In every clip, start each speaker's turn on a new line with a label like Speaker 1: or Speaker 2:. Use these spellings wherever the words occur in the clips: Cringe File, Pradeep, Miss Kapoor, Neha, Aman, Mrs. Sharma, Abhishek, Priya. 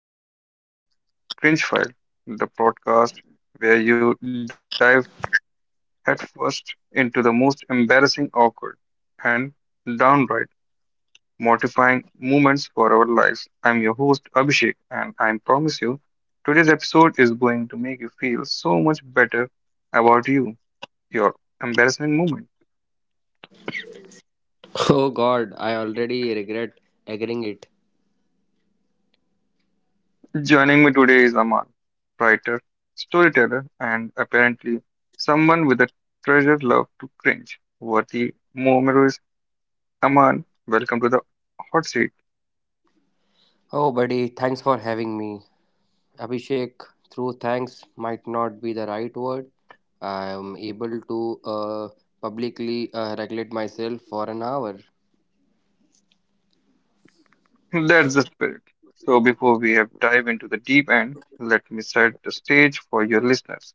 Speaker 1: welcome back to Cringe File, the podcast where you dive headfirst into the most embarrassing, awkward, and downright mortifying moments for our lives. I'm your host Abhishek, and I promise you, today's episode is going to make you feel so much better about you, your embarrassing moment.
Speaker 2: Oh God, I already regret agreeing it.
Speaker 1: Joining me today is Aman, writer, storyteller, and apparently someone with a treasured love to cringe worthy memories. Aman, welcome to the hot seat.
Speaker 2: Oh buddy, thanks for having me. Abhishek, through thanks might not be the right word. I am able to publicly regulate myself for an hour.
Speaker 1: That's the spirit. So, before we have dive into the deep end, let me set the stage for your listeners.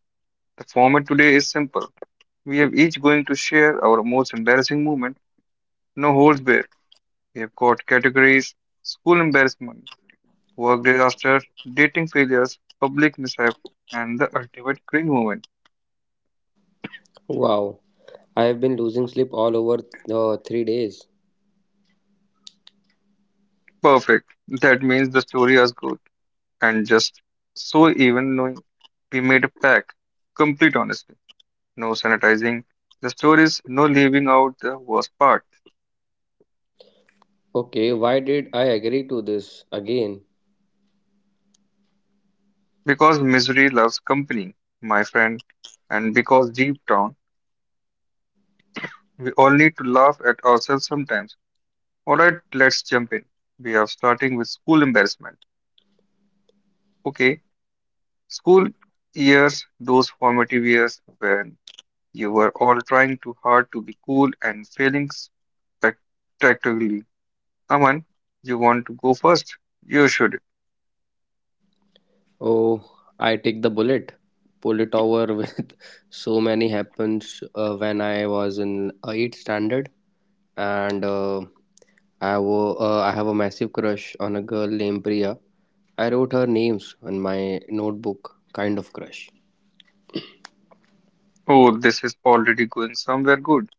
Speaker 1: The format today is simple. We have each going to share our most embarrassing moment, no holds barred. We have got categories: school embarrassment, work disaster, dating failures, public mishap, and the ultimate cringe moment.
Speaker 2: Wow, I have been losing sleep all over the 3 days.
Speaker 1: Perfect. That means the story is good. And just so even knowing we made a pact. Complete honesty. No sanitizing. The stories, no leaving out the worst part.
Speaker 2: Okay, why did I agree to this again?
Speaker 1: Because misery loves company, my friend. And because deep down, we all need to laugh at ourselves sometimes. Alright, let's jump in. We are starting with school embarrassment. Okay, school years, those formative years when you were all trying too hard to be cool and failing spectacularly. Aman, you want to go first? You should.
Speaker 2: Oh, I take the bullet, pull it over with so many happens when I was in 8th standard and I have a massive crush on a girl named Priya. I wrote her names on my notebook, kind of crush.
Speaker 1: Oh, this is already going somewhere good.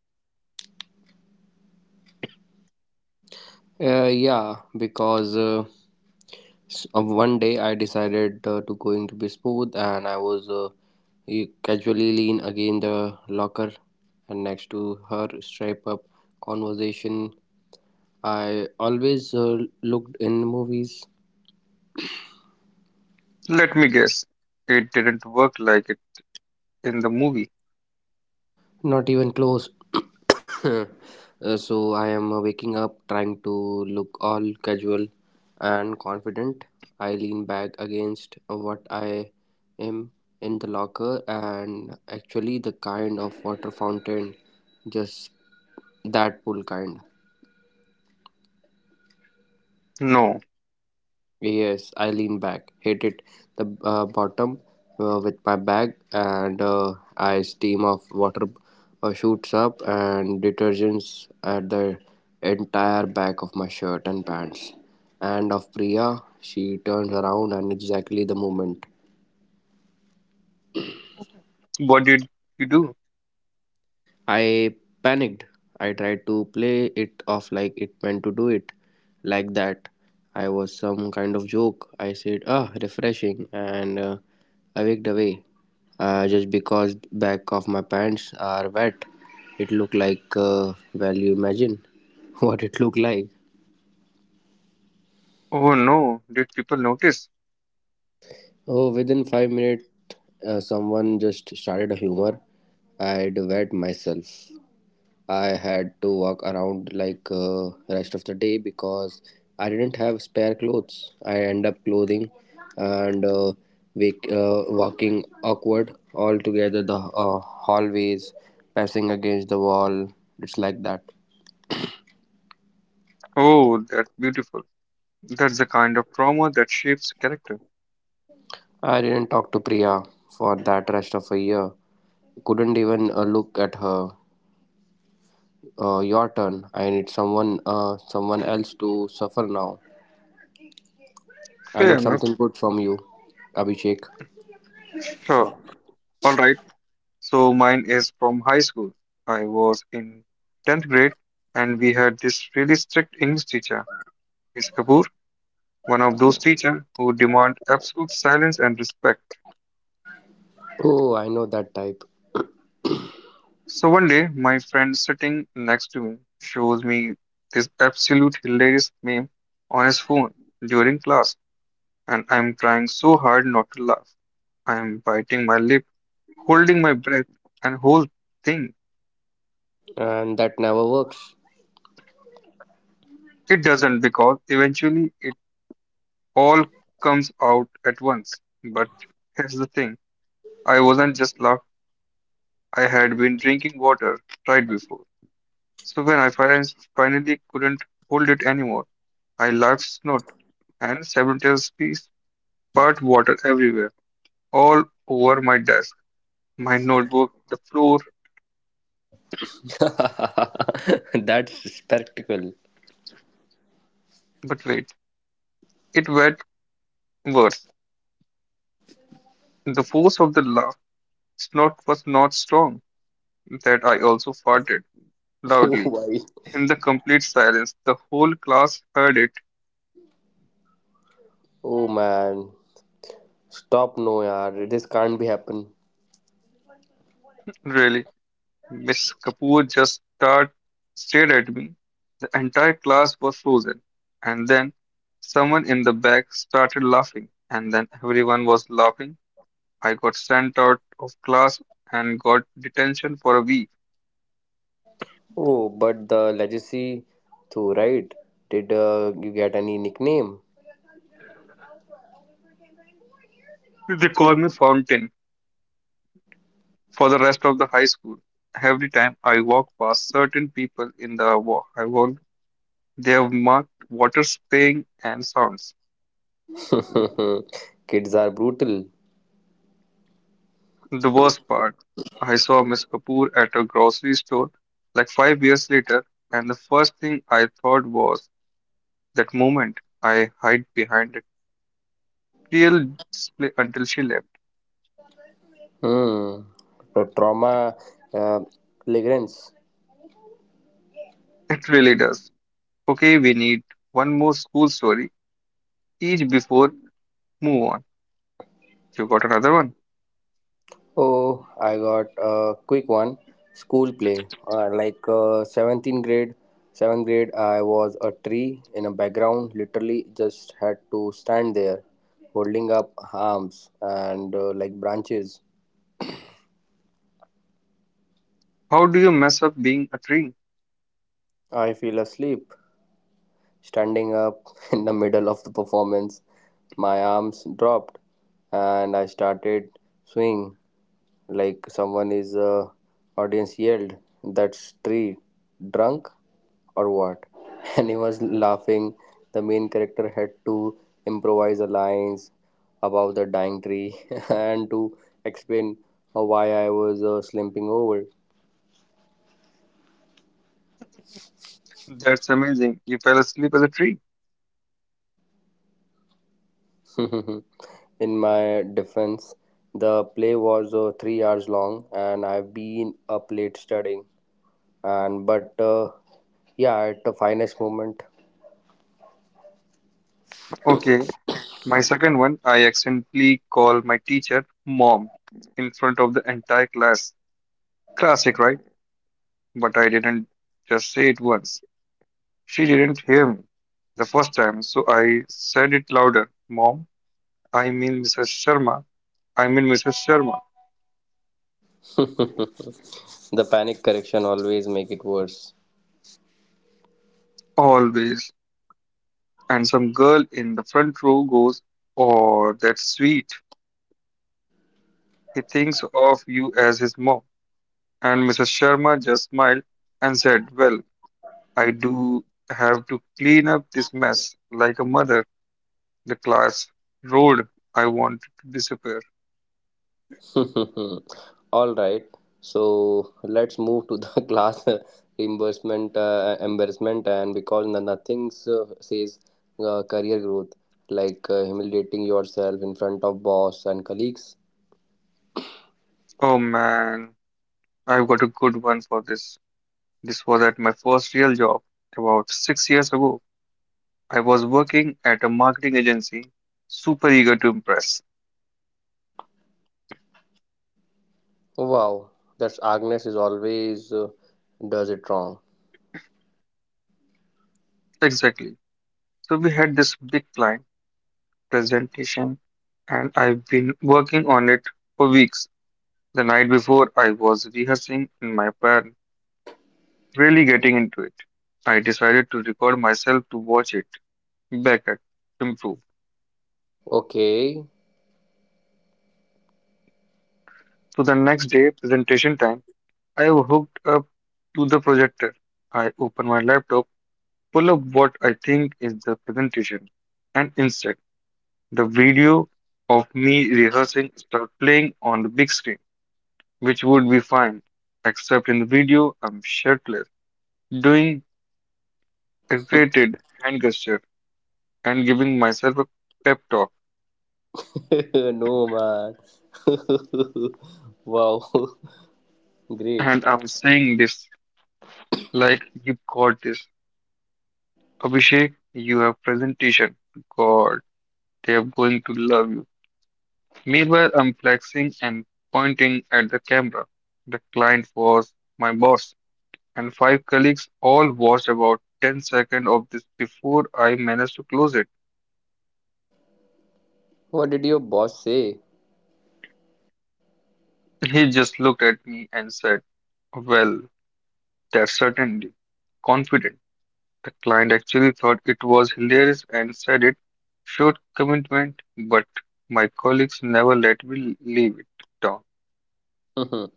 Speaker 2: Yeah, because one day I decided to going to be smooth, and I was casually lean against the locker, and next to her stripe up conversation. I always looked in movies.
Speaker 1: Let me guess. It didn't work like it in the movie.
Speaker 2: Not even close. So I am waking up trying to look all casual and confident. I lean back against what I am in the locker and actually the kind of water fountain, just that pool kind.
Speaker 1: No.
Speaker 2: Yes, I lean back, hit it the bottom with my bag, and I steam of water shoots up and detergents at the entire back of my shirt and pants. And of Priya, she turns around, and exactly the moment.
Speaker 1: What did you do?
Speaker 2: I panicked. I tried to play it off like it meant to do it like that. I was some kind of joke. I said, ah, refreshing, and I walked away. Just because back of my pants are wet, it looked like, well, you imagine what it looked like.
Speaker 1: Oh no. Did people notice?
Speaker 2: Oh, within 5 minutes, someone just started a humor. I'd wet myself. I had to walk around like rest of the day because I didn't have spare clothes. I end up clothing and walking awkward all together the hallways, passing against the wall. It's like that.
Speaker 1: Oh, that's beautiful. That's the kind of trauma that shapes character.
Speaker 2: I didn't talk to Priya for that rest of a year. Couldn't even look at her. Your turn. I need someone else to suffer now. I
Speaker 1: Fair
Speaker 2: need
Speaker 1: enough.
Speaker 2: something good from you, Abhishek.
Speaker 1: Sure. All right. So mine is from high school. I was in 10th grade and we had this really strict English teacher, Miss Kapoor, one of those teachers who demand absolute silence and respect.
Speaker 2: Oh, I know that type.
Speaker 1: So one day, my friend sitting next to me shows me this absolute hilarious meme on his phone during class, and I'm trying so hard not to laugh. I'm biting my lip, holding my breath, and whole thing.
Speaker 2: And that never works.
Speaker 1: It doesn't because eventually it all comes out at once. But here's the thing I wasn't just locked, I had been drinking water right before. So when I finally couldn't hold it anymore, I laughed, snort, and several teaspoons spurt water everywhere, all over my desk, my notebook, the floor.
Speaker 2: That's spectacle.
Speaker 1: But wait, it went worse. The force of the laugh snort was not strong, that I also farted
Speaker 2: Oh
Speaker 1: loudly.
Speaker 2: why?
Speaker 1: In the complete silence, the whole class heard it.
Speaker 2: Oh man, stop no yaar, this can't be happen.
Speaker 1: Really, Miss Kapoor just stared at me. The entire class was frozen. And then someone in the back started laughing. And then everyone was laughing. I got sent out of class and got detention for a week.
Speaker 2: Oh, but the legacy too, right? Did you get any nickname?
Speaker 1: They called me Fountain for the rest of the high school. Every time I walk past certain people in the walk, I walk, they have marked water spraying and sounds.
Speaker 2: Kids are brutal.
Speaker 1: The worst part, I saw Miss Kapoor at a grocery store like 5 years later, and the first thing I thought was that moment I hide behind a real display until she left.
Speaker 2: Hmm. The trauma uh, lingers.
Speaker 1: It really does. Okay, we need one more school story, each before move on. You got another one?
Speaker 2: Oh, I got a quick one. School play. 17th grade, 7th grade, I was a tree in a background, literally just had to stand there holding up arms and like branches.
Speaker 1: How do you mess up being a tree?
Speaker 2: I feel asleep. Standing up in the middle of the performance, my arms dropped and I started swinging like someone is audience yelled that's tree drunk or what and he was laughing the main character had to improvise a lines about the dying tree and to explain how why I was slumping over.
Speaker 1: That's amazing. You fell asleep as a tree.
Speaker 2: In my defense, the play was 3 hours long and I've been up late studying and but yeah at the finest moment.
Speaker 1: Okay, my second one, I accidentally call my teacher mom in front of the entire class. Classic, right? But I didn't just say it once. She didn't hear me the first time, so I said it louder. Mom, I mean Mrs. Sharma. I mean Mrs. Sharma.
Speaker 2: The panic correction always make it worse.
Speaker 1: Always. And some girl in the front row goes, oh, that's sweet. He thinks of you as his mom. And Mrs. Sharma just smiled and said, well, I do have to clean up this mess like a mother. The class roared. I wanted to disappear.
Speaker 2: All right, so let's move to the class reimbursement embarrassment, and because nothing says career growth like humiliating yourself in front of boss and colleagues.
Speaker 1: Oh man. I've got a good one for this. This was at my first real job about 6 years ago. I was working at a marketing agency, super eager to impress.
Speaker 2: Wow, that's Agnes is always does it wrong.
Speaker 1: Exactly. So we had this big client presentation, and I've been working on it for weeks. The night before, I was rehearsing in my apartment, really getting into it. I decided to record myself to watch it back at improve.
Speaker 2: Okay.
Speaker 1: So the next day, presentation time. I hooked up to the projector. I open my laptop, pull up what I think is the presentation, and instead, the video of me rehearsing start playing on the big screen, which would be fine, except in the video I'm shirtless, doing exaggerated hand gesture and giving myself a pep talk,
Speaker 2: No man. Wow, great.
Speaker 1: and I'm saying this like you got this, Abhishek. You have presentation. God, they are going to love you. Meanwhile, I'm flexing and pointing at the camera. The client was my boss, and five colleagues all watched about 10 seconds of this before I managed to close it.
Speaker 2: What did your boss say?
Speaker 1: He just looked at me and said, well, that's certainly confident. The client actually thought it was hilarious and said it showed commitment, but my colleagues never let me leave it down.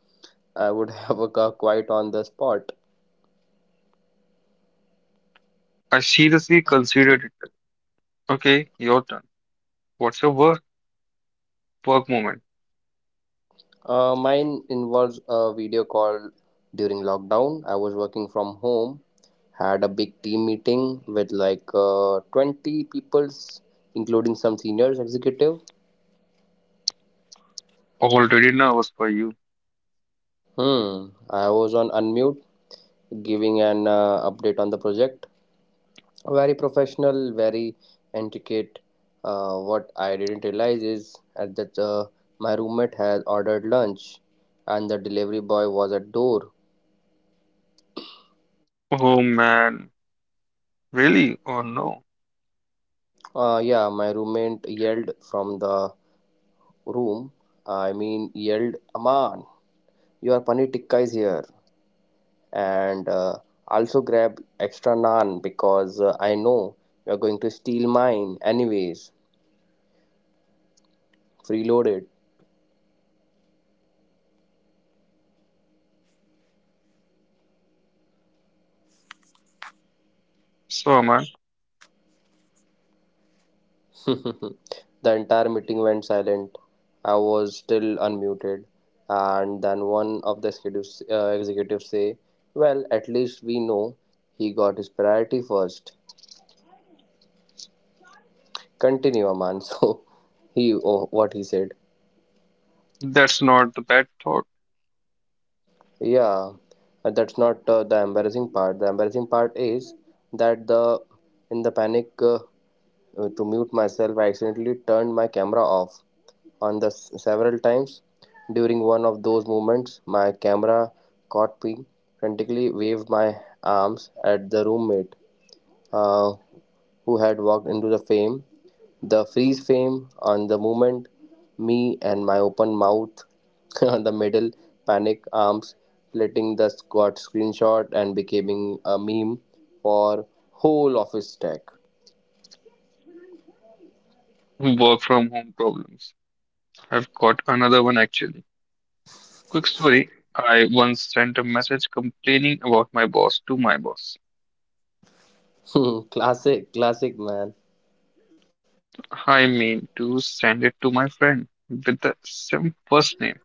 Speaker 2: I would have a quite on the spot.
Speaker 1: I seriously considered it. Okay, your turn. What's your work? Work moment.
Speaker 2: Mine involves a video call during lockdown. I was working from home, had a big team meeting with like 20 peoples, including some seniors executive.
Speaker 1: Already nervous for you.
Speaker 2: Hmm. I was on unmute, giving an update on the project. Very professional, very intricate. What I didn't realize is at that my roommate had ordered lunch, and the delivery boy was at door.
Speaker 1: Oh man, really? Oh no.
Speaker 2: Yeah, my roommate yelled from the room. I mean, yelled, "Aman, your paneer tikka is here!" And also grab extra naan because I know you're going to steal mine anyways. Freeload it.
Speaker 1: So man,
Speaker 2: The entire meeting went silent. I was still unmuted, and then one of the executives say, "Well, at least we know he got his priority first. Continue, Aman." So he, oh, what he said.
Speaker 1: that's not the bad thought.
Speaker 2: Yeah, but that's not the embarrassing part. The embarrassing part is that the in the panic to mute myself, I accidentally turned my camera off on the several times. During one of those moments, my camera caught me, frantically waved my arms at the roommate uh, who had walked into the frame. The freeze frame on the moment, me and my open mouth on the middle, panic arms, splitting the squad screenshot and becoming a meme for whole office tech.
Speaker 1: Work from home problems. I've got another one actually. Quick story. I once sent a message complaining about my boss to my boss.
Speaker 2: Classic, classic man.
Speaker 1: I mean to send it to my friend with the same first name.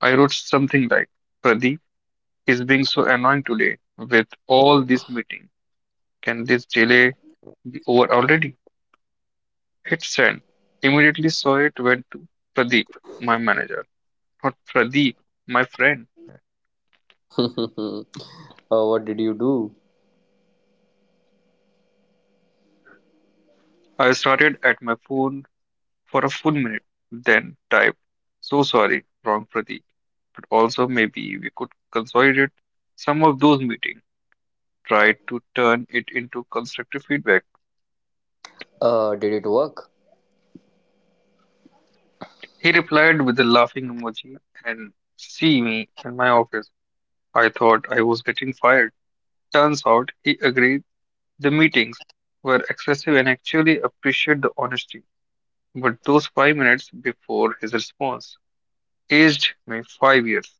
Speaker 1: I wrote something like, Pradeep is being so annoying today with all this meeting. Can this delay be over already? It said, immediately saw it went to Pradeep, my manager. Not Pradeep, my friend.
Speaker 2: What did you do?
Speaker 1: I started at my phone for a full minute, then typed, so sorry, wrong Pradeep. But also, maybe we could consolidate some of those meetings, try to turn it into constructive feedback.
Speaker 2: Did it work?
Speaker 1: He replied with a laughing emoji and see me in my office. I thought I was getting fired. Turns out he agreed. The meetings were excessive and actually appreciate the honesty. But those 5 minutes before his response aged me 5 years.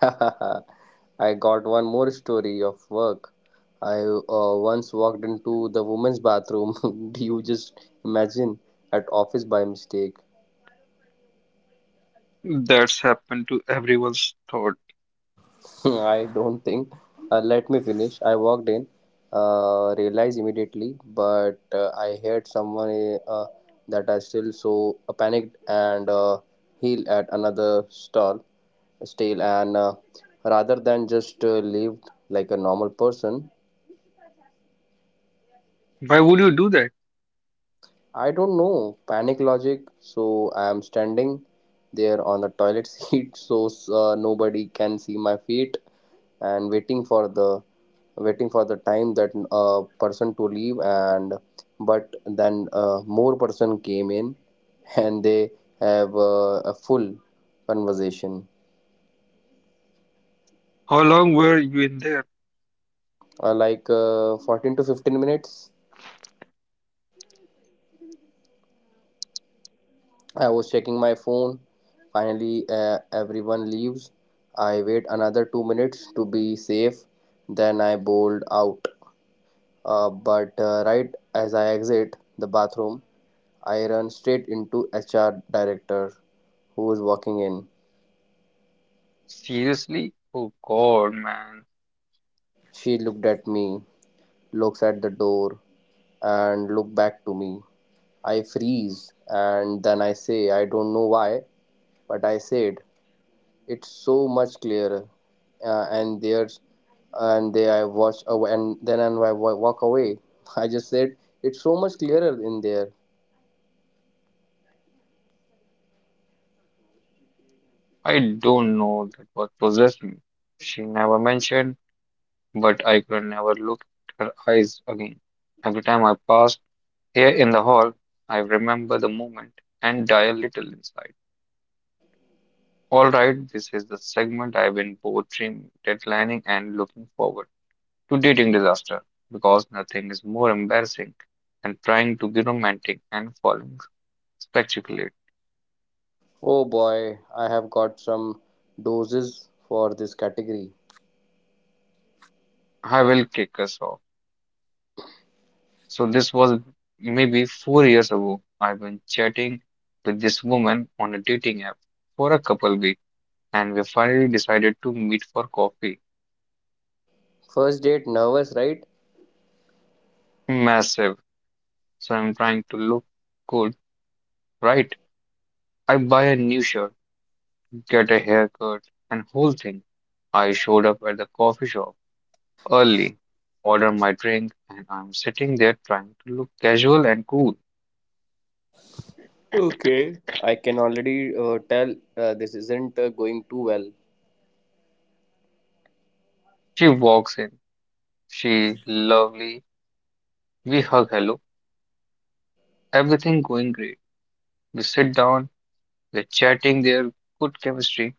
Speaker 2: I got one more story of work. I once walked into the women's bathroom. Do you just imagine at office by mistake?
Speaker 1: That's happened to everyone's thought.
Speaker 2: I don't think. Let me finish. I walked in, realized immediately, but I heard someone that I still so panicked and healed at another stall, stale, and rather than just live like a normal person.
Speaker 1: Why would you do that?
Speaker 2: I don't know panic logic, so I am standing there on the toilet seat so nobody can see my feet and waiting for the time that person to leave and but then more person came in and they have a full conversation
Speaker 1: How long were you in there?
Speaker 2: 14 to 15 minutes I was checking my phone. Finally, everyone leaves. I wait another 2 minutes to be safe. Then I bolt out. But Right as I exit the bathroom, I run straight into HR director who was walking in.
Speaker 1: Seriously? Oh god, man.
Speaker 2: She looked at me, looks at the door, and look back to me. I freeze, and then I say I don't know why, but I said it's so much clearer and there's and they I watch aw- and then and I wa- walk away. I just said it's so much clearer in there.
Speaker 1: I don't know that what possessed me. She never mentioned, but I could never look at her eyes again. Every time I passed here in the hall, I remember the moment and die a little inside. All right, this is the segment I've been both dream deadlining and looking forward to dating disaster because nothing is more embarrassing than trying to be romantic and falling spectacularly.
Speaker 2: Oh boy, I have got some doses for this category.
Speaker 1: I will kick us off. So this was maybe 4 years ago. I've been chatting with this woman on a dating app for a couple weeks, and we finally decided to meet for coffee.
Speaker 2: First date nervous, right?
Speaker 1: Massive. So I'm trying to look cool, right? I buy a new shirt get a haircut, and whole thing. I showed up at the coffee shop early, ordered my drink, and I'm sitting there trying to look casual and cool.
Speaker 2: Okay. I can already tell this isn't going too well.
Speaker 1: She walks in. She lovely. We hug hello. Everything going great. We sit down. We're chatting there. Good chemistry.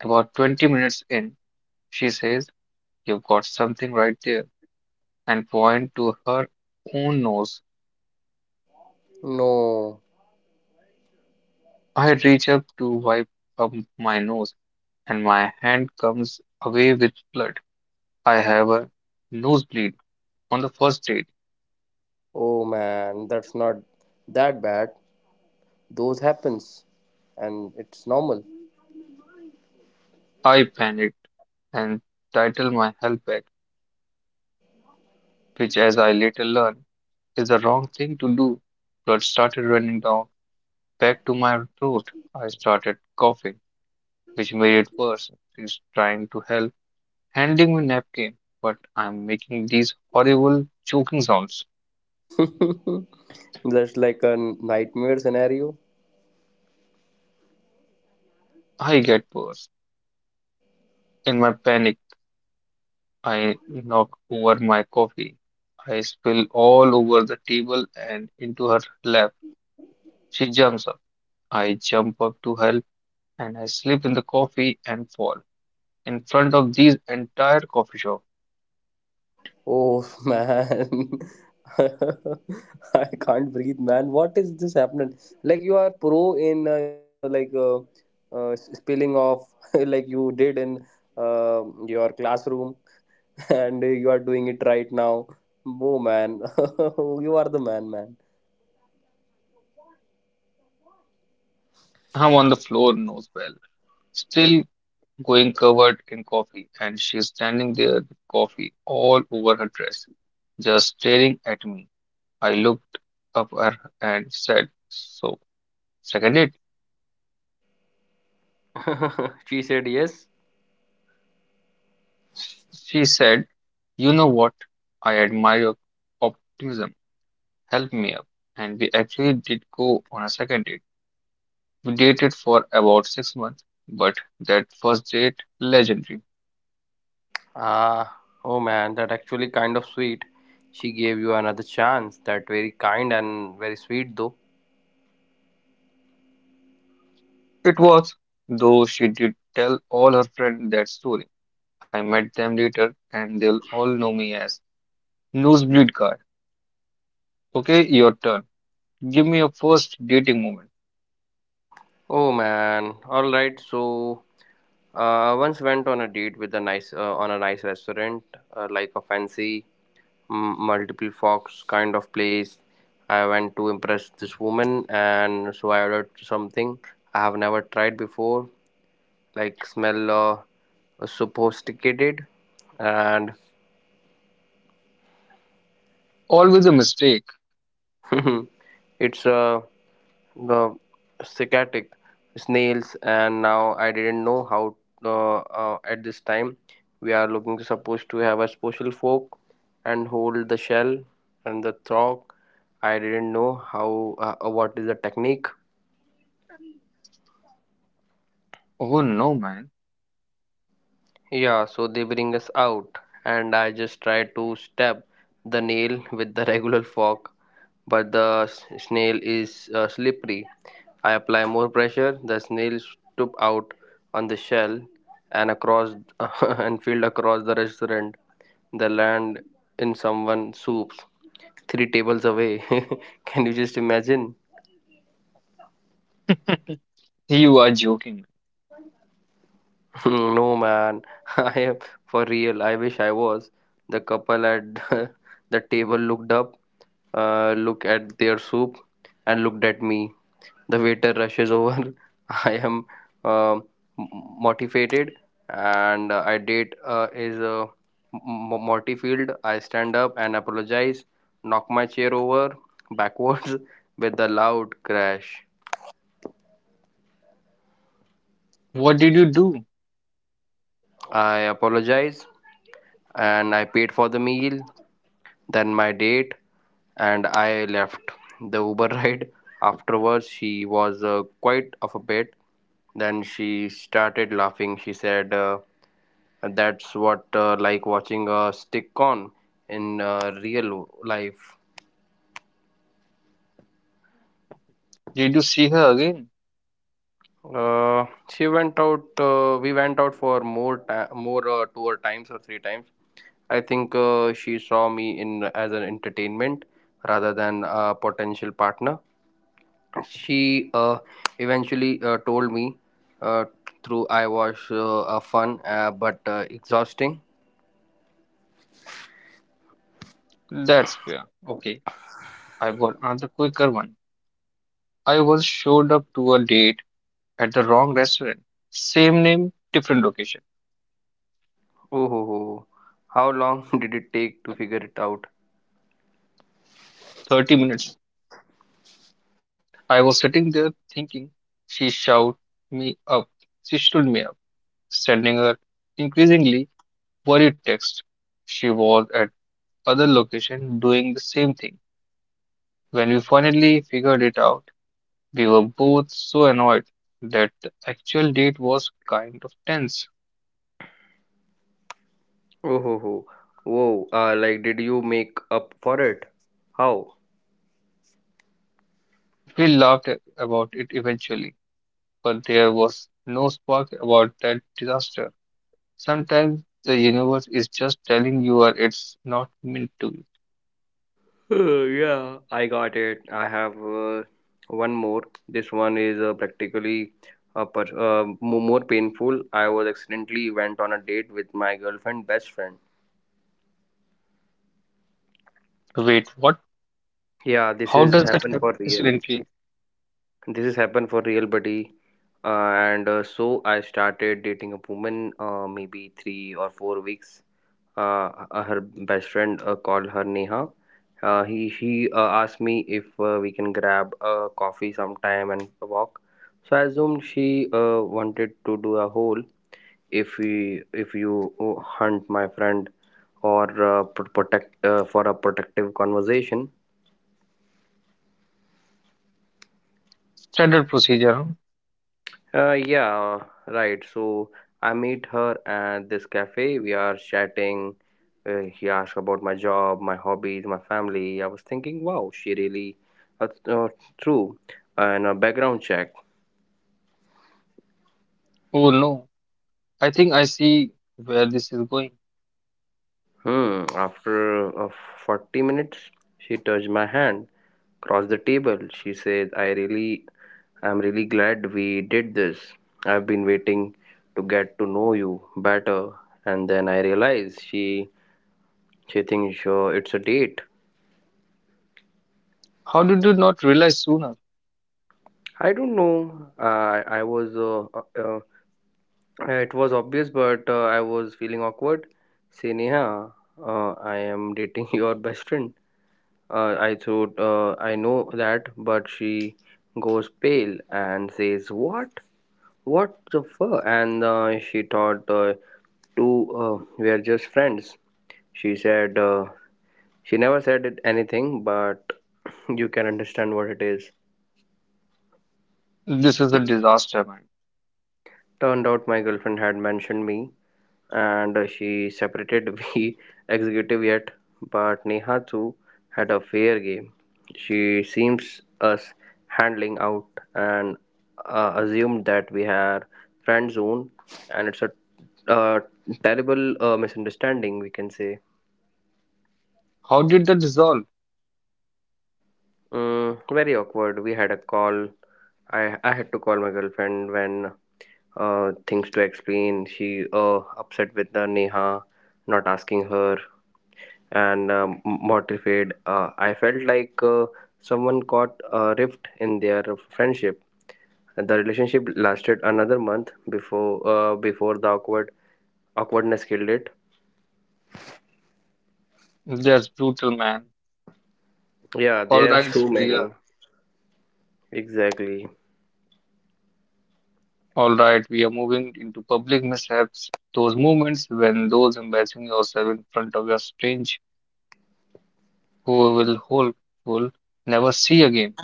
Speaker 1: About 20 minutes in, she says, you've got something right there, and point to her own nose.
Speaker 2: No.
Speaker 1: I reach up to wipe up my nose, and my hand comes away with blood. I have a nosebleed on the first date.
Speaker 2: Oh man, that's not that bad, those happens and it's normal.
Speaker 1: I panicked and titled my help bag, which, as I later learned, is the wrong thing to do. Blood started running down back to my throat. I started coughing, which made it worse. She's trying to help, handing me napkin, but I'm making these horrible choking sounds.
Speaker 2: Just like a nightmare scenario.
Speaker 1: I get worse. In my panic, I knock over my coffee. I spill all over the table and into her lap. She jumps up. I jump up to help and I slip in the coffee and fall in front of this entire coffee shop.
Speaker 2: Oh man, I can't breathe, man. What is this happening? Like you are pro in like spilling off like you did in your classroom, and you are doing it right now. Oh man, you are the man, man.
Speaker 1: I'm on the floor, nose well, still going covered in coffee, and she's standing there with coffee all over her dress, just staring at me. I looked up at her and said, so, second date?
Speaker 2: She said yes.
Speaker 1: She said, you know what? I admire your optimism. Help me up. And we actually did go on a second date. We dated for about 6 months, but that first date, legendary.
Speaker 2: Ah, oh man, that actually kind of sweet. She gave you another chance. That very kind and very sweet though.
Speaker 1: It was, though she did tell all her friends that story. I met them later and they'll all know me as Nosebleed Guard. Okay, your turn. Give me your first dating moment.
Speaker 2: Oh man. All right. So, I once went on a date with a nice restaurant, like a fancy multiple fox kind of place. I went to impress this woman, and so I ordered something I have never tried before, like smell sophisticated, and
Speaker 1: Always a mistake.
Speaker 2: it's a the cicatic snails and now I didn't know how at this time we are looking supposed to have a special fork and hold the shell and the throat. I didn't know how what is the technique.
Speaker 1: Oh no, man.
Speaker 2: Yeah, so they bring us out, and I just try to stab the nail with the regular fork, but the snail is slippery. I apply more pressure, the snail stoop out on the shell and across and field across the restaurant. They land in someone's soups three tables away. Can you just imagine?
Speaker 1: You are joking.
Speaker 2: No, man, I am for real. I wish I was. The couple at the table looked up, looked at their soup, and looked at me. The waiter rushes over. I am um m- motivated, and I did is m- m- mortified. I stand up and apologize, knock my chair over backwards with a loud crash.
Speaker 1: What did you do?
Speaker 2: I apologize, and I paid for the meal. Then my date, and I left. The Uber ride afterwards, she was quite of a bit. Then she started laughing. She said, that's what like watching a stick on in real life.
Speaker 1: Did you see her again?
Speaker 2: She went out. We went out for more two or times or three times. I think she saw me in as an entertainment rather than a potential partner. She eventually told me uh, through I was a fun but exhausting.
Speaker 1: That's fair. Okay, I've got another quicker one. I was showed up to a date at the wrong restaurant. Same name, different location.
Speaker 2: Oh, ho, ho. How long did it take to figure it out?
Speaker 1: 30 minutes. I was sitting there thinking, she shout me up. She stood me up, sending her increasingly worried text. She was at other location doing the same thing. When we finally figured it out, we were both so annoyed that the actual date was kind of tense.
Speaker 2: Oh, ho, ho. Whoa, like did you make up for it? How?
Speaker 1: We laughed about it eventually, but there was no spark about that disaster. Sometimes the universe is just telling you are it's not meant to be.
Speaker 2: Yeah, I got it. I have one more. This one is practically more painful. I was accidentally went on a date with my girlfriend best friend.
Speaker 1: Wait, what?
Speaker 2: Yeah, this
Speaker 1: How
Speaker 2: is
Speaker 1: does that
Speaker 2: happened
Speaker 1: happen
Speaker 2: for real.
Speaker 1: accidentally?
Speaker 2: This has happened for real, buddy. Uh, and uh, so I started dating a woman maybe 3 or 4 weeks. Her best friend called her Neha. He asked me if we can grab a coffee sometime and walk, so I assumed she wanted to do a hole, if we, if you hunt my friend or protect for a protective conversation.
Speaker 1: Standard procedure. Huh?
Speaker 2: Yeah, right. So I meet her at this cafe. We are chatting. He asked about my job, my hobbies, my family. I was thinking, wow, she really uh, uh, true. And a background check.
Speaker 1: Oh no, I think I see where this is going.
Speaker 2: Hmm. After uh, 40 minutes, she touched my hand, crossed the table. She said, I'm really glad we did this. I've been waiting to get to know you better. And then I realized she Chetan, sure, it's a date.
Speaker 1: How did you not realize sooner?
Speaker 2: I don't know. I was uh, it was obvious, but I was feeling awkward. Say Neha, I am dating your best friend. I thought I know that, but she goes pale and says, "What? What the fuck?" And she thought two were just friends. She said she never said it anything, but you can understand what it is.
Speaker 1: This is a disaster, man.
Speaker 2: Turned out my girlfriend had mentioned me and she separated we executive yet, but Neha too had a fair game. She seems us handling out and assumed that we are friend zone and it's a uh, terrible misunderstanding, we can say.
Speaker 1: How did that dissolve?
Speaker 2: Mm, very awkward. We had a call. I had to call my girlfriend when things to explain. She upset with the Neha not asking her and mortified. I felt like someone caught a rift in their friendship. The relationship lasted another month before before the awkward awkwardness killed it.
Speaker 1: That's brutal, man.
Speaker 2: Yeah,
Speaker 1: All
Speaker 2: there are
Speaker 1: right,
Speaker 2: so
Speaker 1: we are.
Speaker 2: many. Exactly.
Speaker 1: All right, we are moving into public mishaps. Those moments when those embarrassing yourself in front of your strange, who will whole, will never see again.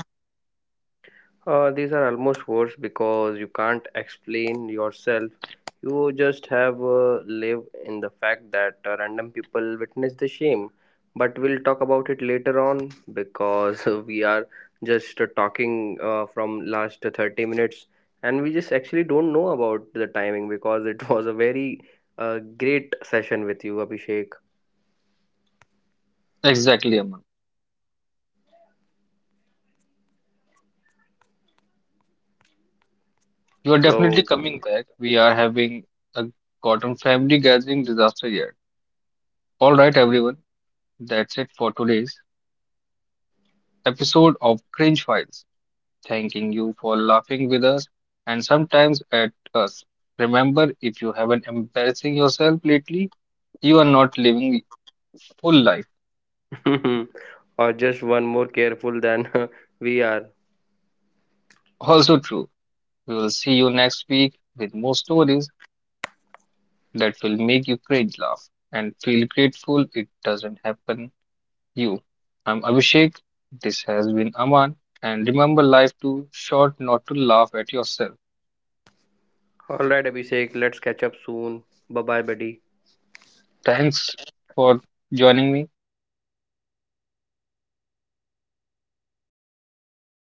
Speaker 2: These are almost worse because you can't explain yourself. You just have live in the fact that random people witness the shame. But we'll talk about it later on because we are just talking from last 30 minutes and we just actually don't know about the timing because it was a very great session with you, Abhishek.
Speaker 1: Exactly, Aman. You are definitely
Speaker 2: So,
Speaker 1: coming back. We are having a cotton family gathering disaster yet. All right, everyone. That's it for today's episode of Cringe Files. Thanking you for laughing with us and sometimes at us. Remember, if you haven't embarrassing yourself lately, you are not living full life.
Speaker 2: or just one more careful than we are.
Speaker 1: Also true. We will see you next week with more stories that will make you cringe laugh and feel grateful it doesn't happen you. I'm Abhishek, this has been Aman, and remember life too short not to laugh at yourself.
Speaker 2: All right, Abhishek, let's catch up soon. Bye bye, buddy.
Speaker 1: Thanks for joining me.